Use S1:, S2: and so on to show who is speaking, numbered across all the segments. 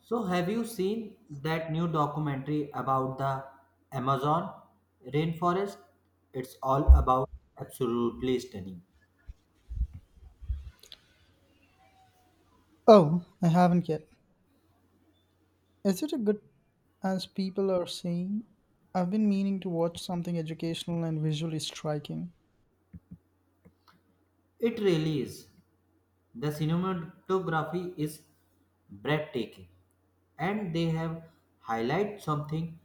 S1: So, have you seen that new documentary about the Amazon rainforest? It's all about absolutely stunning.
S2: Oh, I haven't yet. Is it a good as people are saying? I've been meaning to watch something educational and visually striking.
S1: It really is. The cinematography is breathtaking, and they have highlighted something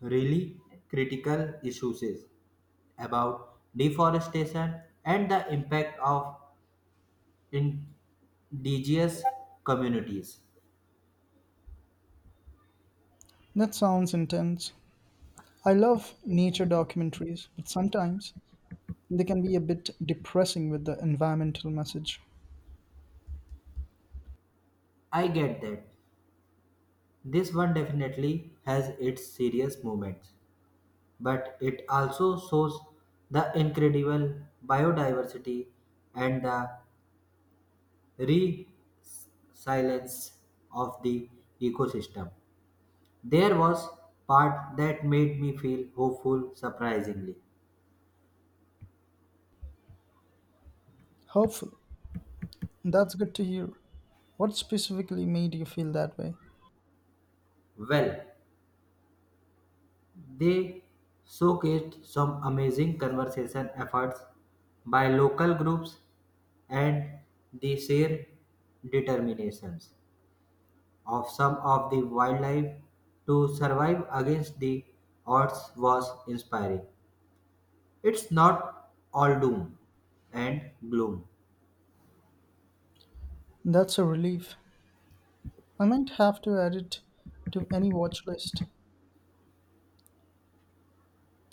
S1: really critical issues is about deforestation and the impact of indigenous communities.
S2: That sounds intense. I love nature documentaries, but sometimes they can be a bit depressing with the environmental message.
S1: I get that. This one definitely has its serious moments, but it also shows the incredible biodiversity and the resilience of the ecosystem. There was part that made me feel hopeful surprisingly.
S2: Hopeful. That's good to hear. What specifically made you feel that way?
S1: Well, they showcased some amazing conservation efforts by local groups and the shared determinations of some of the wildlife to survive against the odds was inspiring. It's not all doom and gloom.
S2: That's a relief. I might have to add it to any watch list.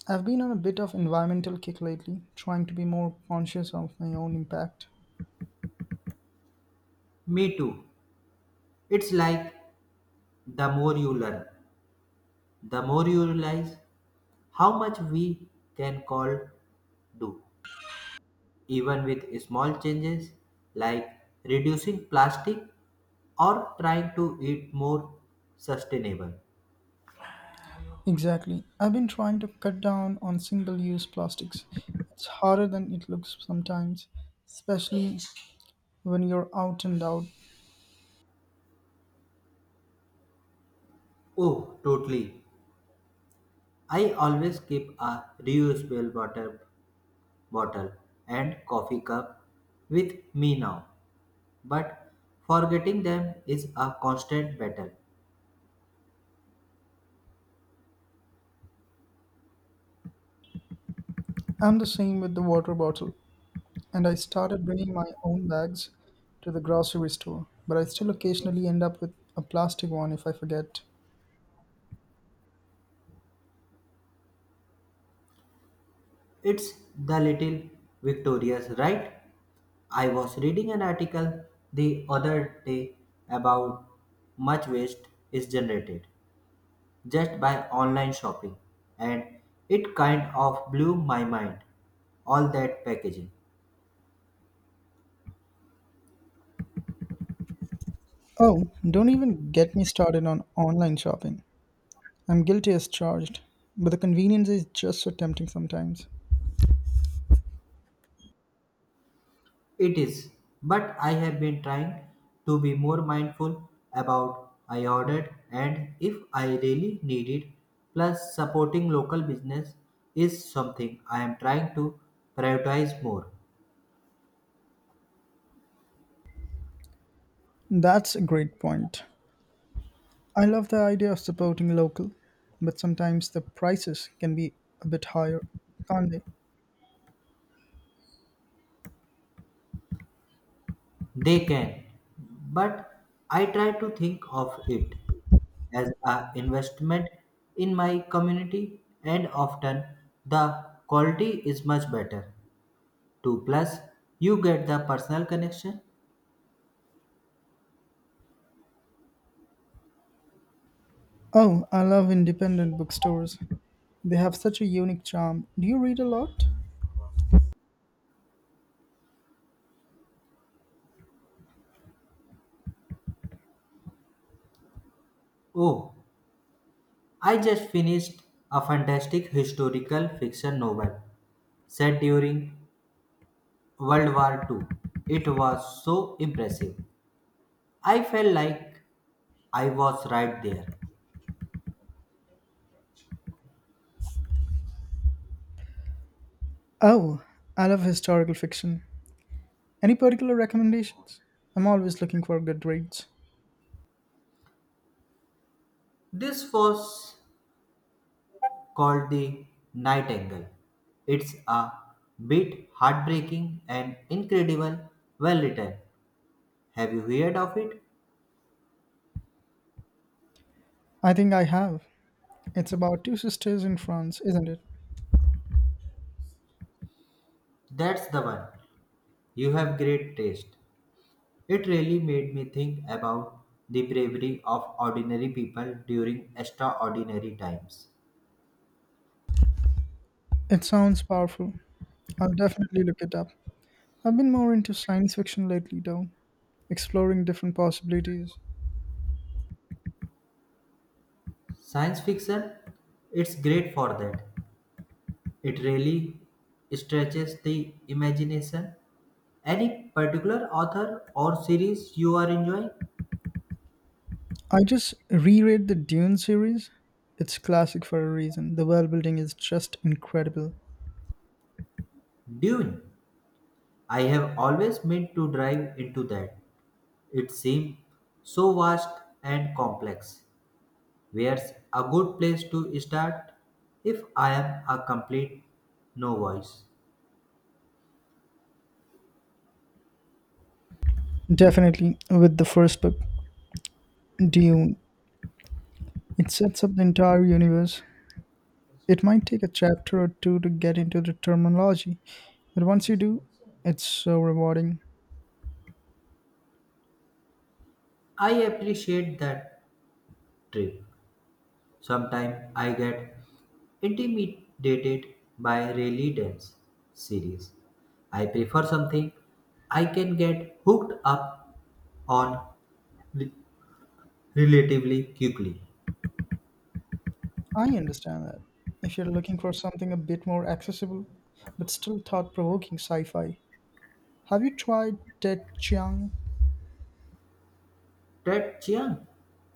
S2: I've been on a bit of environmental kick lately, trying to be more conscious of my own impact.
S1: Me too. It's like the more you learn, the more you realize how much we can call do, even with small changes like reducing plastic or trying to eat more sustainable.
S2: Exactly. I've been trying to cut down on single use plastics. It's harder than it looks sometimes, especially when you're out and out.
S1: Oh, totally. I always keep a reusable water bottle and coffee cup with me now, but forgetting them is a constant battle.
S2: I'm the same with the water bottle, and I started bringing my own bags to the grocery store, but I still occasionally end up with a plastic one if I forget.
S1: It's the little victorious, right? I was reading an article the other day about much waste is generated just by online shopping, and it kind of blew my mind all that packaging.
S2: Oh, don't even get me started on online shopping. I'm guilty as charged, but the convenience is just so tempting sometimes.
S1: It is, but I have been trying to be more mindful about I ordered and if I really need it. Plus, supporting local business is something I am trying to prioritize more.
S2: That's a great point. I love the idea of supporting local, but sometimes the prices can be a bit higher, can't they?
S1: They can, but I try to think of it as an investment in my community, and often the quality is much better. 2 plus you get the personal connection.
S2: Oh, I love independent bookstores. They have such a unique charm. Do you read a lot?
S1: Oh, I just finished a fantastic historical fiction novel set during World War II. It was so impressive. I felt like I was right there.
S2: Oh, I love historical fiction. Any particular recommendations? I'm always looking for good reads.
S1: This was called The Nightingale. It's a bit heartbreaking and incredible, well written. Have you heard of it?
S2: I think I have. It's about two sisters in France, isn't it?
S1: That's the one. You have great taste. It really made me think about the bravery of ordinary people during extraordinary times.
S2: It sounds powerful. I'll definitely look it up. I've been more into science fiction lately, though, exploring different possibilities.
S1: Science fiction, it's great for that. It really stretches the imagination. Any particular author or series you are enjoying?
S2: I just reread the Dune series. It's classic for a reason. The world building is just incredible.
S1: Dune. I have always meant to dive into that. It seems so vast and complex. Where's a good place to start if I am a complete no voice?
S2: Definitely, with the first book, Dune, it sets up the entire universe. It might take a chapter or two to get into the terminology, but once you do, it's so rewarding.
S1: I appreciate that trick. Sometimes I get intimidated by really dense series. I prefer something I can get hooked up on re- relatively quickly.
S2: I understand that. If you're looking for something a bit more accessible, but still thought provoking sci fi, have you tried Ted Chiang?
S1: Ted Chiang?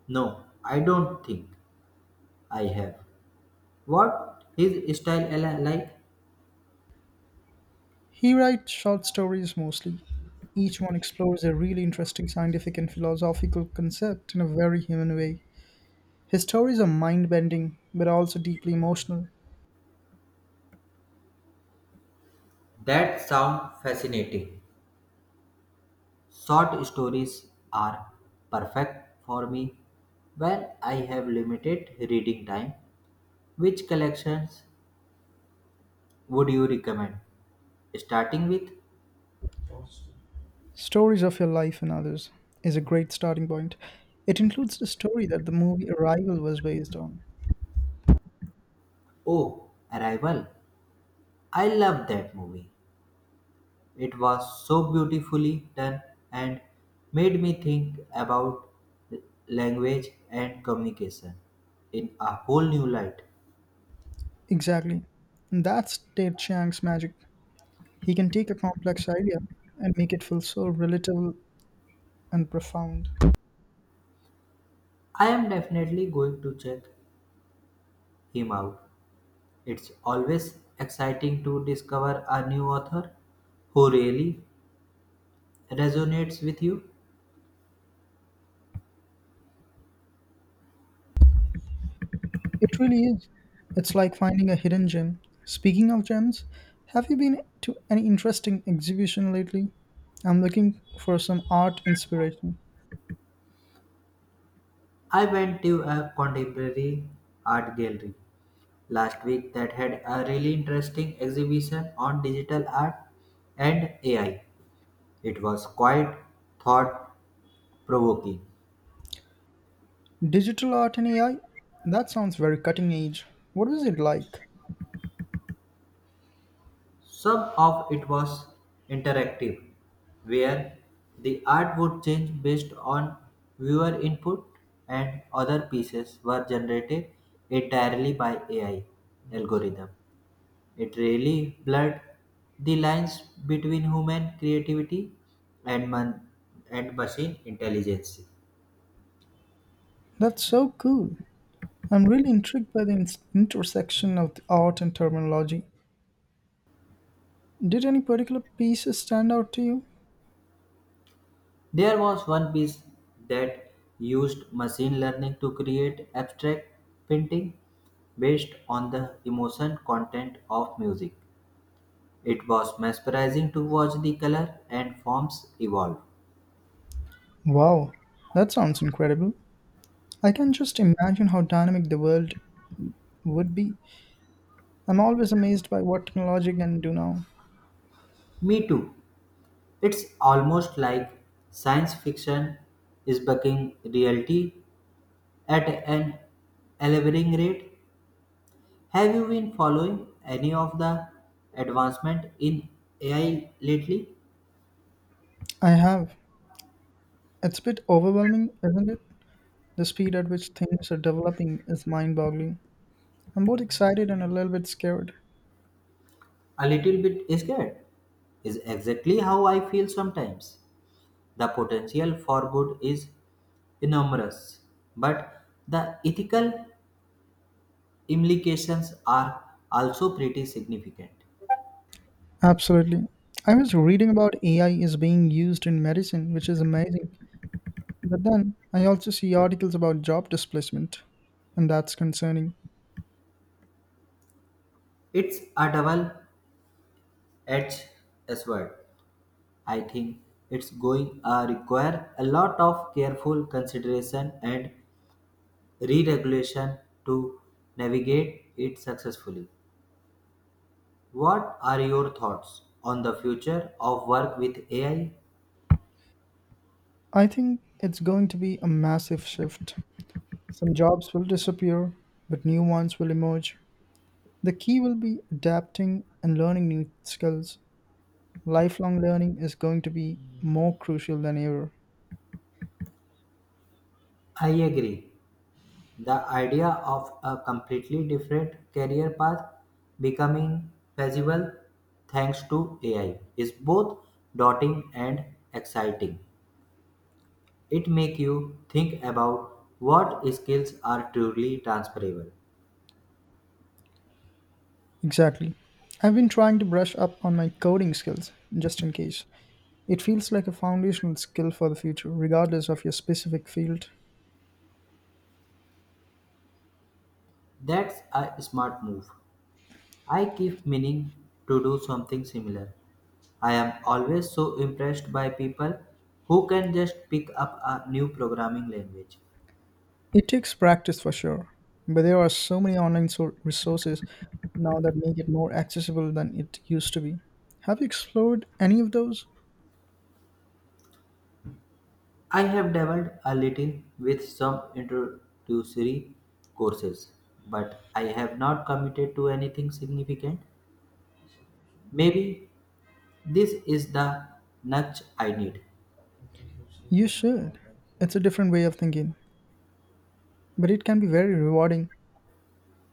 S1: No, I don't think I have. What his style like?
S2: He writes short stories mostly. Each one explores a really interesting scientific and philosophical concept in a very human way. His stories are mind bending, but also deeply emotional.
S1: That sound fascinating. Short stories are perfect for me when I have limited reading time. Which collections would you recommend? Starting with.
S2: Stories of Your Life and Others is a great starting point. It includes the story that the movie Arrival was based on.
S1: Oh, Arrival. I love that movie. It was so beautifully done and made me think about language and communication in a whole new light.
S2: Exactly. And that's Ted Chiang's magic. He can take a complex idea and make it feel so relatable and profound.
S1: I am definitely going to check him out. It's always exciting to discover a new author who really resonates with you.
S2: It really is. It's like finding a hidden gem. Speaking of gems, have you been to any interesting exhibition lately? I'm looking for some art inspiration.
S1: I went to a contemporary art gallery last week that had a really interesting exhibition on digital art and AI. It was quite thought provoking.
S2: Digital art and AI? That sounds very cutting edge. What was it like?
S1: Some of it was interactive, where the art would change based on viewer input, and other pieces were generated entirely by AI algorithm. It really blurred the lines between human creativity and and machine intelligence.
S2: That's so cool. I'm really intrigued by the intersection of the art and terminology. Did any particular pieces stand out to you?
S1: There was one piece that used machine learning to create abstract painting based on the emotion content of music. It was mesmerizing to watch the color and forms evolve.
S2: Wow, that sounds incredible. I can just imagine how dynamic the world would be. I'm always amazed by what technology can do now.
S1: Me too. It's almost like science fiction is becoming reality at an alarming rate. Have you been following any of the advancement in AI lately?
S2: I have. It's a bit overwhelming, isn't it? The speed at which things are developing is mind boggling. I'm both excited and a little bit scared.
S1: A little bit scared is exactly how I feel sometimes. The potential for good is enormous, but the ethical implications are also pretty significant.
S2: Absolutely. I was reading about AI is being used in medicine, which is amazing. But then I also see articles about job displacement, and that's concerning.
S1: It's a double edged sword. I think it's going to require a lot of careful consideration and re-regulation to navigate it successfully. What are your thoughts on the future of work with AI?
S2: I think it's going to be a massive shift. Some jobs will disappear, but new ones will emerge. The key will be adapting and learning new skills. Lifelong learning is going to be more crucial than ever.
S1: I agree. The idea of a completely different career path becoming feasible thanks to AI is both daunting and exciting. It makes you think about what skills are truly transferable.
S2: Exactly. I've been trying to brush up on my coding skills, just in case. It feels like a foundational skill for the future, regardless of your specific field.
S1: That's a smart move. I keep meaning to do something similar. I am always so impressed by people who can just pick up a new programming language.
S2: It takes practice for sure, but there are so many online resources now that make it more accessible than it used to be. Have you explored any of those?
S1: I have dabbled a little with some introductory courses, but I have not committed to anything significant. Maybe this is the nudge I need.
S2: You should. It's a different way of thinking, but it can be very rewarding.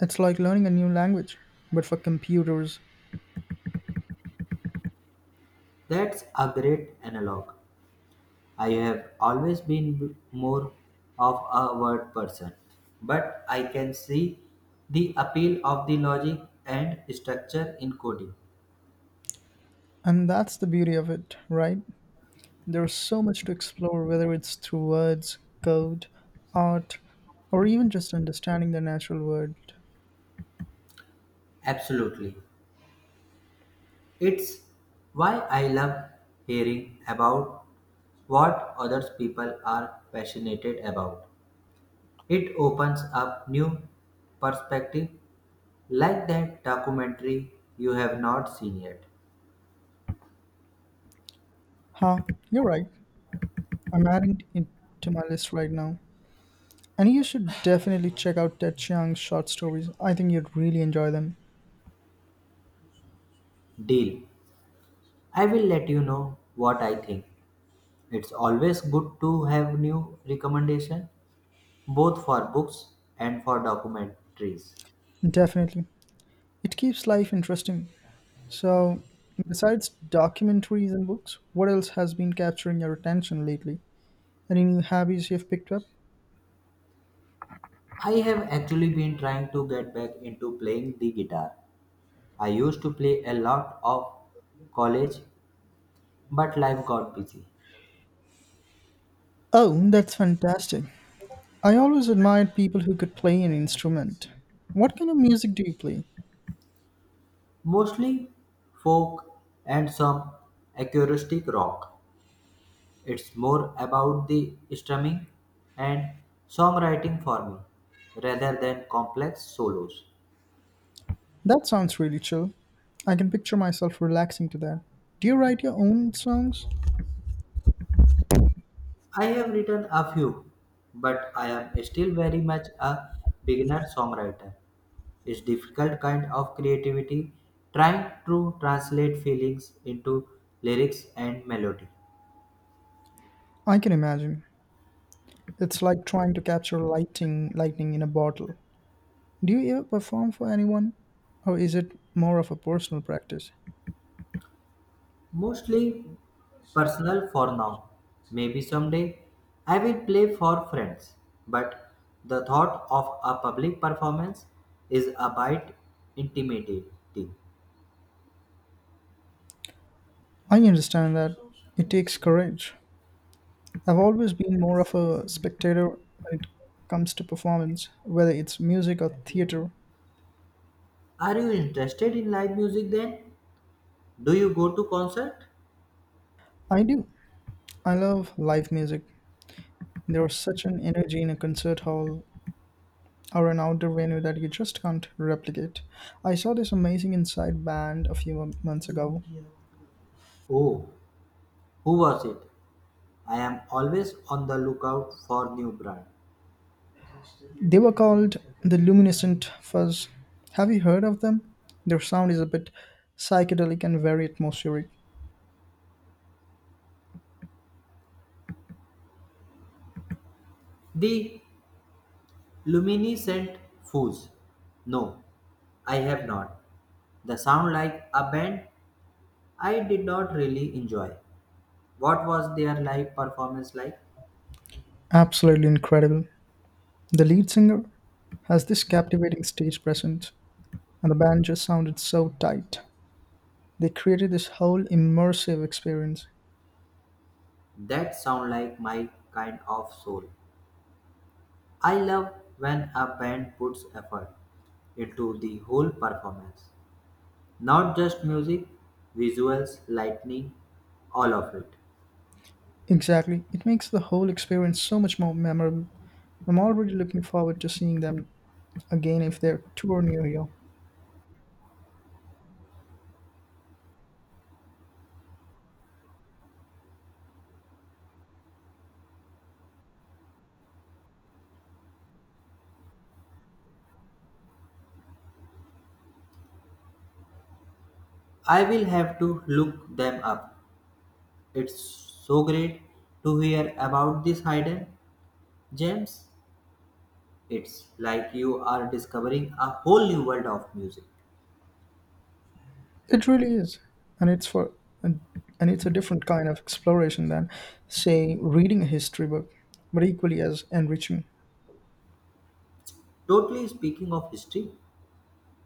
S2: It's like learning a new language, but for computers.
S1: That's a great analog. I have always been more of a word person, but I can see the appeal of the logic and structure in coding.
S2: And that's the beauty of it, right? There's so much to explore, whether it's through words, code, art, or even just understanding the natural world.
S1: Absolutely. It's why I love hearing about what other people are passionate about. It opens up new perspective like that documentary you have not seen yet.
S2: Ha, you're right. I'm adding it to my list right now. And you should definitely check out Ted Chiang's short stories. I think you'd really enjoy them.
S1: Deal. I will let you know what I think. It's always good to have new recommendation, both for books and for documentaries.
S2: Definitely. It keeps life interesting. So, besides documentaries and books, what else has been capturing your attention lately? Any new hobbies you've picked up?
S1: I have actually been trying to get back into playing the guitar. I used to play a lot of college, but life got busy.
S2: Oh, that's fantastic. I always admired people who could play an instrument. What kind of music do you play?
S1: Mostly folk and some acoustic rock. It's more about the strumming and songwriting for me rather than complex solos.
S2: That sounds really chill. I can picture myself relaxing to that. Do you write your own songs?
S1: I have written a few, but I am still very much a beginner songwriter. It's difficult kind of creativity trying to translate feelings into lyrics and melody.
S2: I can imagine. It's like trying to capture lightning in a bottle. Do you ever perform for anyone? Or is it more of a personal practice?
S1: Mostly personal for now. Maybe someday I will play for friends, but the thought of a public performance is a bit intimidating.
S2: I understand that it takes courage. I've always been more of a spectator when it comes to performance, whether it's music or theater.
S1: Are you interested in live music then? Do you go to concert?
S2: I do. I love live music. There's such an energy in a concert hall or an outdoor venue that you just can't replicate. I saw this amazing inside band a few months ago.
S1: Oh, who was it? I am always on the lookout for new brand.
S2: They were called the Luminescent Fuzz. Have you heard of them? Their sound is a bit psychedelic and very atmospheric.
S1: The Luminescent Foods. No, I have not. The sound like a band I did not really enjoy. What was their live performance like?
S2: Absolutely incredible. The lead singer has this captivating stage presence and the band just sounded so tight. They created this whole immersive experience.
S1: That sound like my kind of soul. I love when a band puts effort into the whole performance. Not just music, visuals, lightning, all of it.
S2: Exactly. It makes the whole experience so much more memorable. I'm already looking forward to seeing them again if they're tour near you.
S1: I will have to look them up. It's so great to hear about these hidden gems. It's like you are discovering a whole new world of music.
S2: It really is. And it's for and, and it's a different kind of exploration than say reading a history book, but equally as enriching.
S1: Totally speaking of history,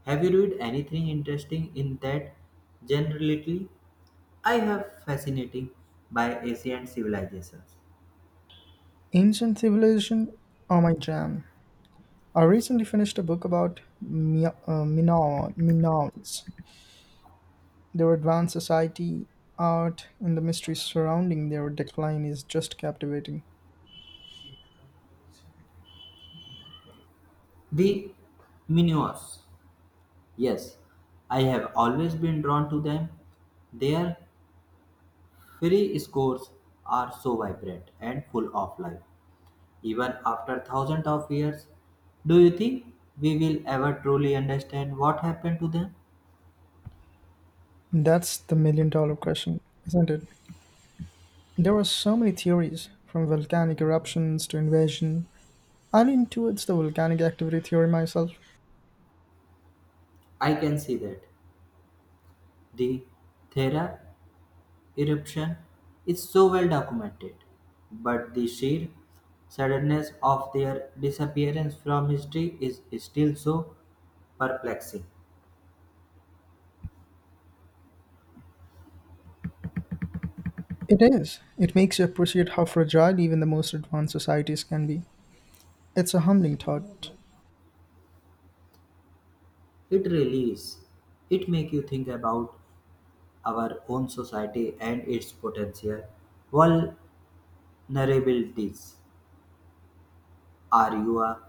S1: have you read anything interesting in that genre lately? I have fascinating by ancient civilizations.
S2: Ancient civilization are my jam. I recently finished a book about Minoans, their advanced society, art, and the mystery surrounding their decline is just captivating.
S1: The Minoans. Yes, I have always been drawn to them. Their Free scores are so vibrant and full of life, even after thousands of years. Do you think we will ever truly understand what happened to them?
S2: That's the million dollar question, isn't it? There were so many theories, from volcanic eruptions to invasion. I lean towards the volcanic activity theory myself.
S1: I can see that. The Thera eruption is so well documented, but the sheer suddenness of their disappearance from history is still so perplexing.
S2: It is. It makes you appreciate how fragile even the most advanced societies can be. It's a humbling thought.
S1: It really is. It makes you think about our own society and its potential. While vulnerabilities. Are you a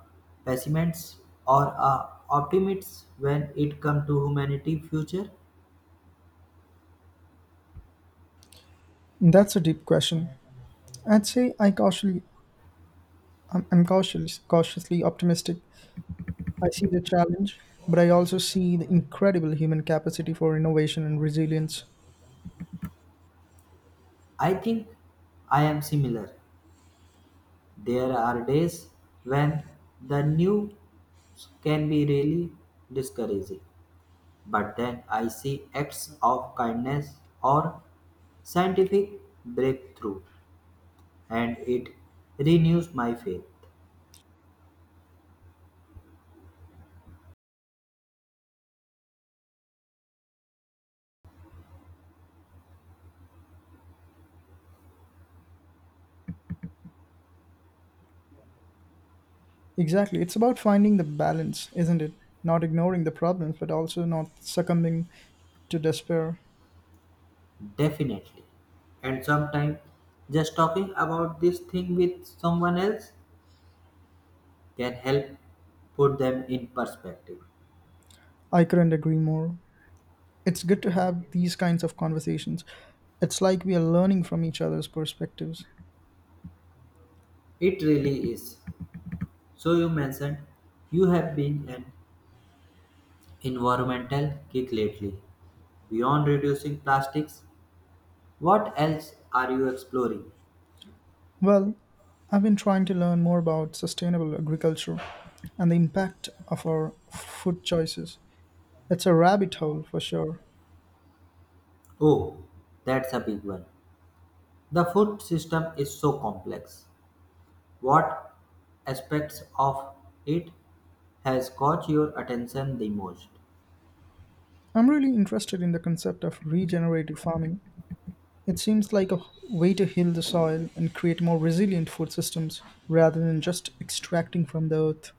S1: pessimist or a optimist when it comes to humanity future?
S2: That's a deep question. I'd say I'm cautiously optimistic. I see the challenge, but I also see the incredible human capacity for innovation and resilience.
S1: I think I am similar. There are days when the news can be really discouraging, but then I see acts of kindness or scientific breakthrough and it renews my faith.
S2: Exactly. It's about finding the balance, isn't it? Not ignoring the problems, but also not succumbing to despair.
S1: Definitely. And sometimes just talking about this thing with someone else can help put them in perspective.
S2: I couldn't agree more. It's good to have these kinds of conversations. It's like we are learning from each other's perspectives.
S1: It really is. So, you mentioned you have been an environmental kick lately. Beyond reducing plastics, what else are you exploring?
S2: Well, I've been trying to learn more about sustainable agriculture and the impact of our food choices. It's a rabbit hole for sure.
S1: Oh, that's a big one. The food system is so complex. What aspects of it has caught your attention the most?
S2: I'm really interested in the concept of regenerative farming. It seems like a way to heal the soil and create more resilient food systems rather than just extracting from the earth.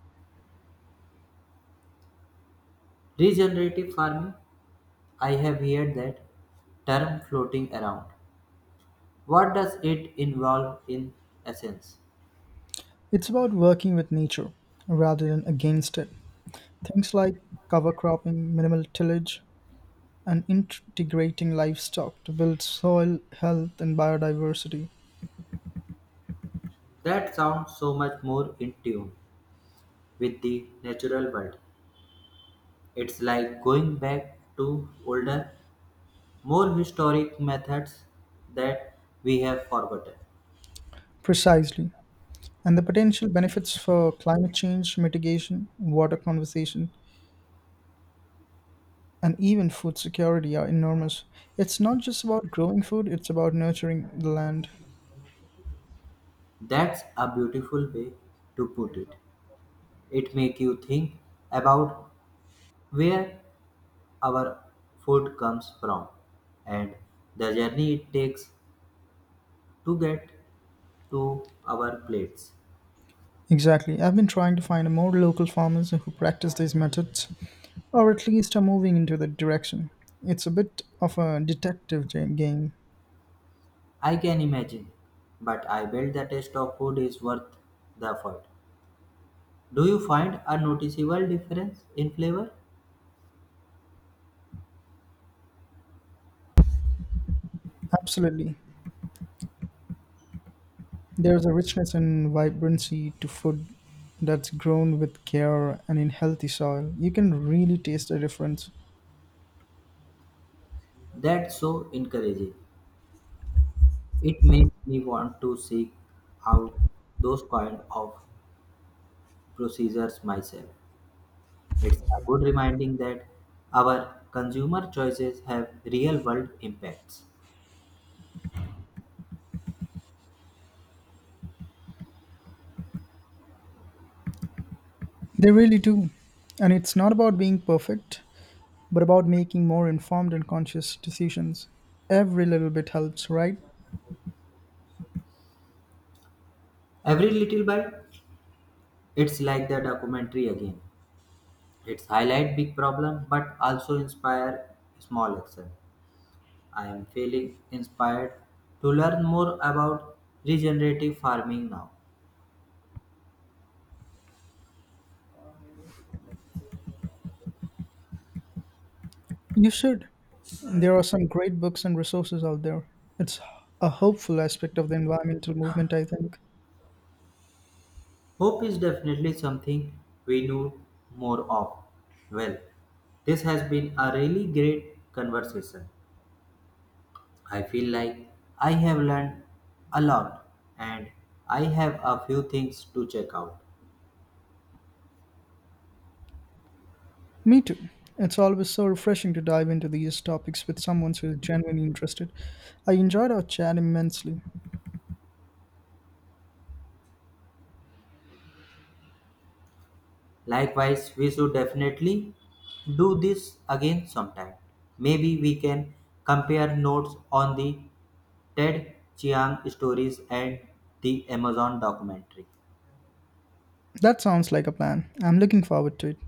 S1: Regenerative farming, I have heard that term floating around. What does it involve in essence?
S2: It's about working with nature rather than against it. Things like cover cropping, minimal tillage, and integrating livestock to build soil health and biodiversity.
S1: That sounds so much more in tune with the natural world. It's like going back to older, more historic methods that we have forgotten.
S2: Precisely. And the potential benefits for climate change mitigation, water conservation, and even food security are enormous. It's not just about growing food, it's about nurturing the land.
S1: That's a beautiful way to put it. It makes you think about where our food comes from and the journey it takes to get to our plates.
S2: Exactly. I've been trying to find more local farmers who practice these methods, or at least are moving into that direction. It's a bit of a detective game.
S1: I can imagine, but I bet the taste of food is worth the effort. Do you find a noticeable difference in flavor?
S2: Absolutely. There's a richness and vibrancy to food that's grown with care and in healthy soil. You can really taste the difference.
S1: That's so encouraging. It makes me want to seek out those kind of procedures myself. It's a good reminding that our consumer choices have real world impacts.
S2: They really do. And it's not about being perfect, but about making more informed and conscious decisions. Every little bit helps, right?
S1: Every little bite, it's like the documentary again. It's highlight big problem but also inspire small action. I am feeling inspired to learn more about regenerative farming now.
S2: You should. There are some great books and resources out there. It's a hopeful aspect of the environmental movement, I think.
S1: Hope is definitely something we know more of. Well, this has been a really great conversation. I feel like I have learned a lot and I have a few things to check out.
S2: Me too. It's always so refreshing to dive into these topics with someone who is genuinely interested. I enjoyed our chat immensely.
S1: Likewise, we should definitely do this again sometime. Maybe we can compare notes on the Ted Chiang stories and the Amazon documentary.
S2: That sounds like a plan. I'm looking forward to it.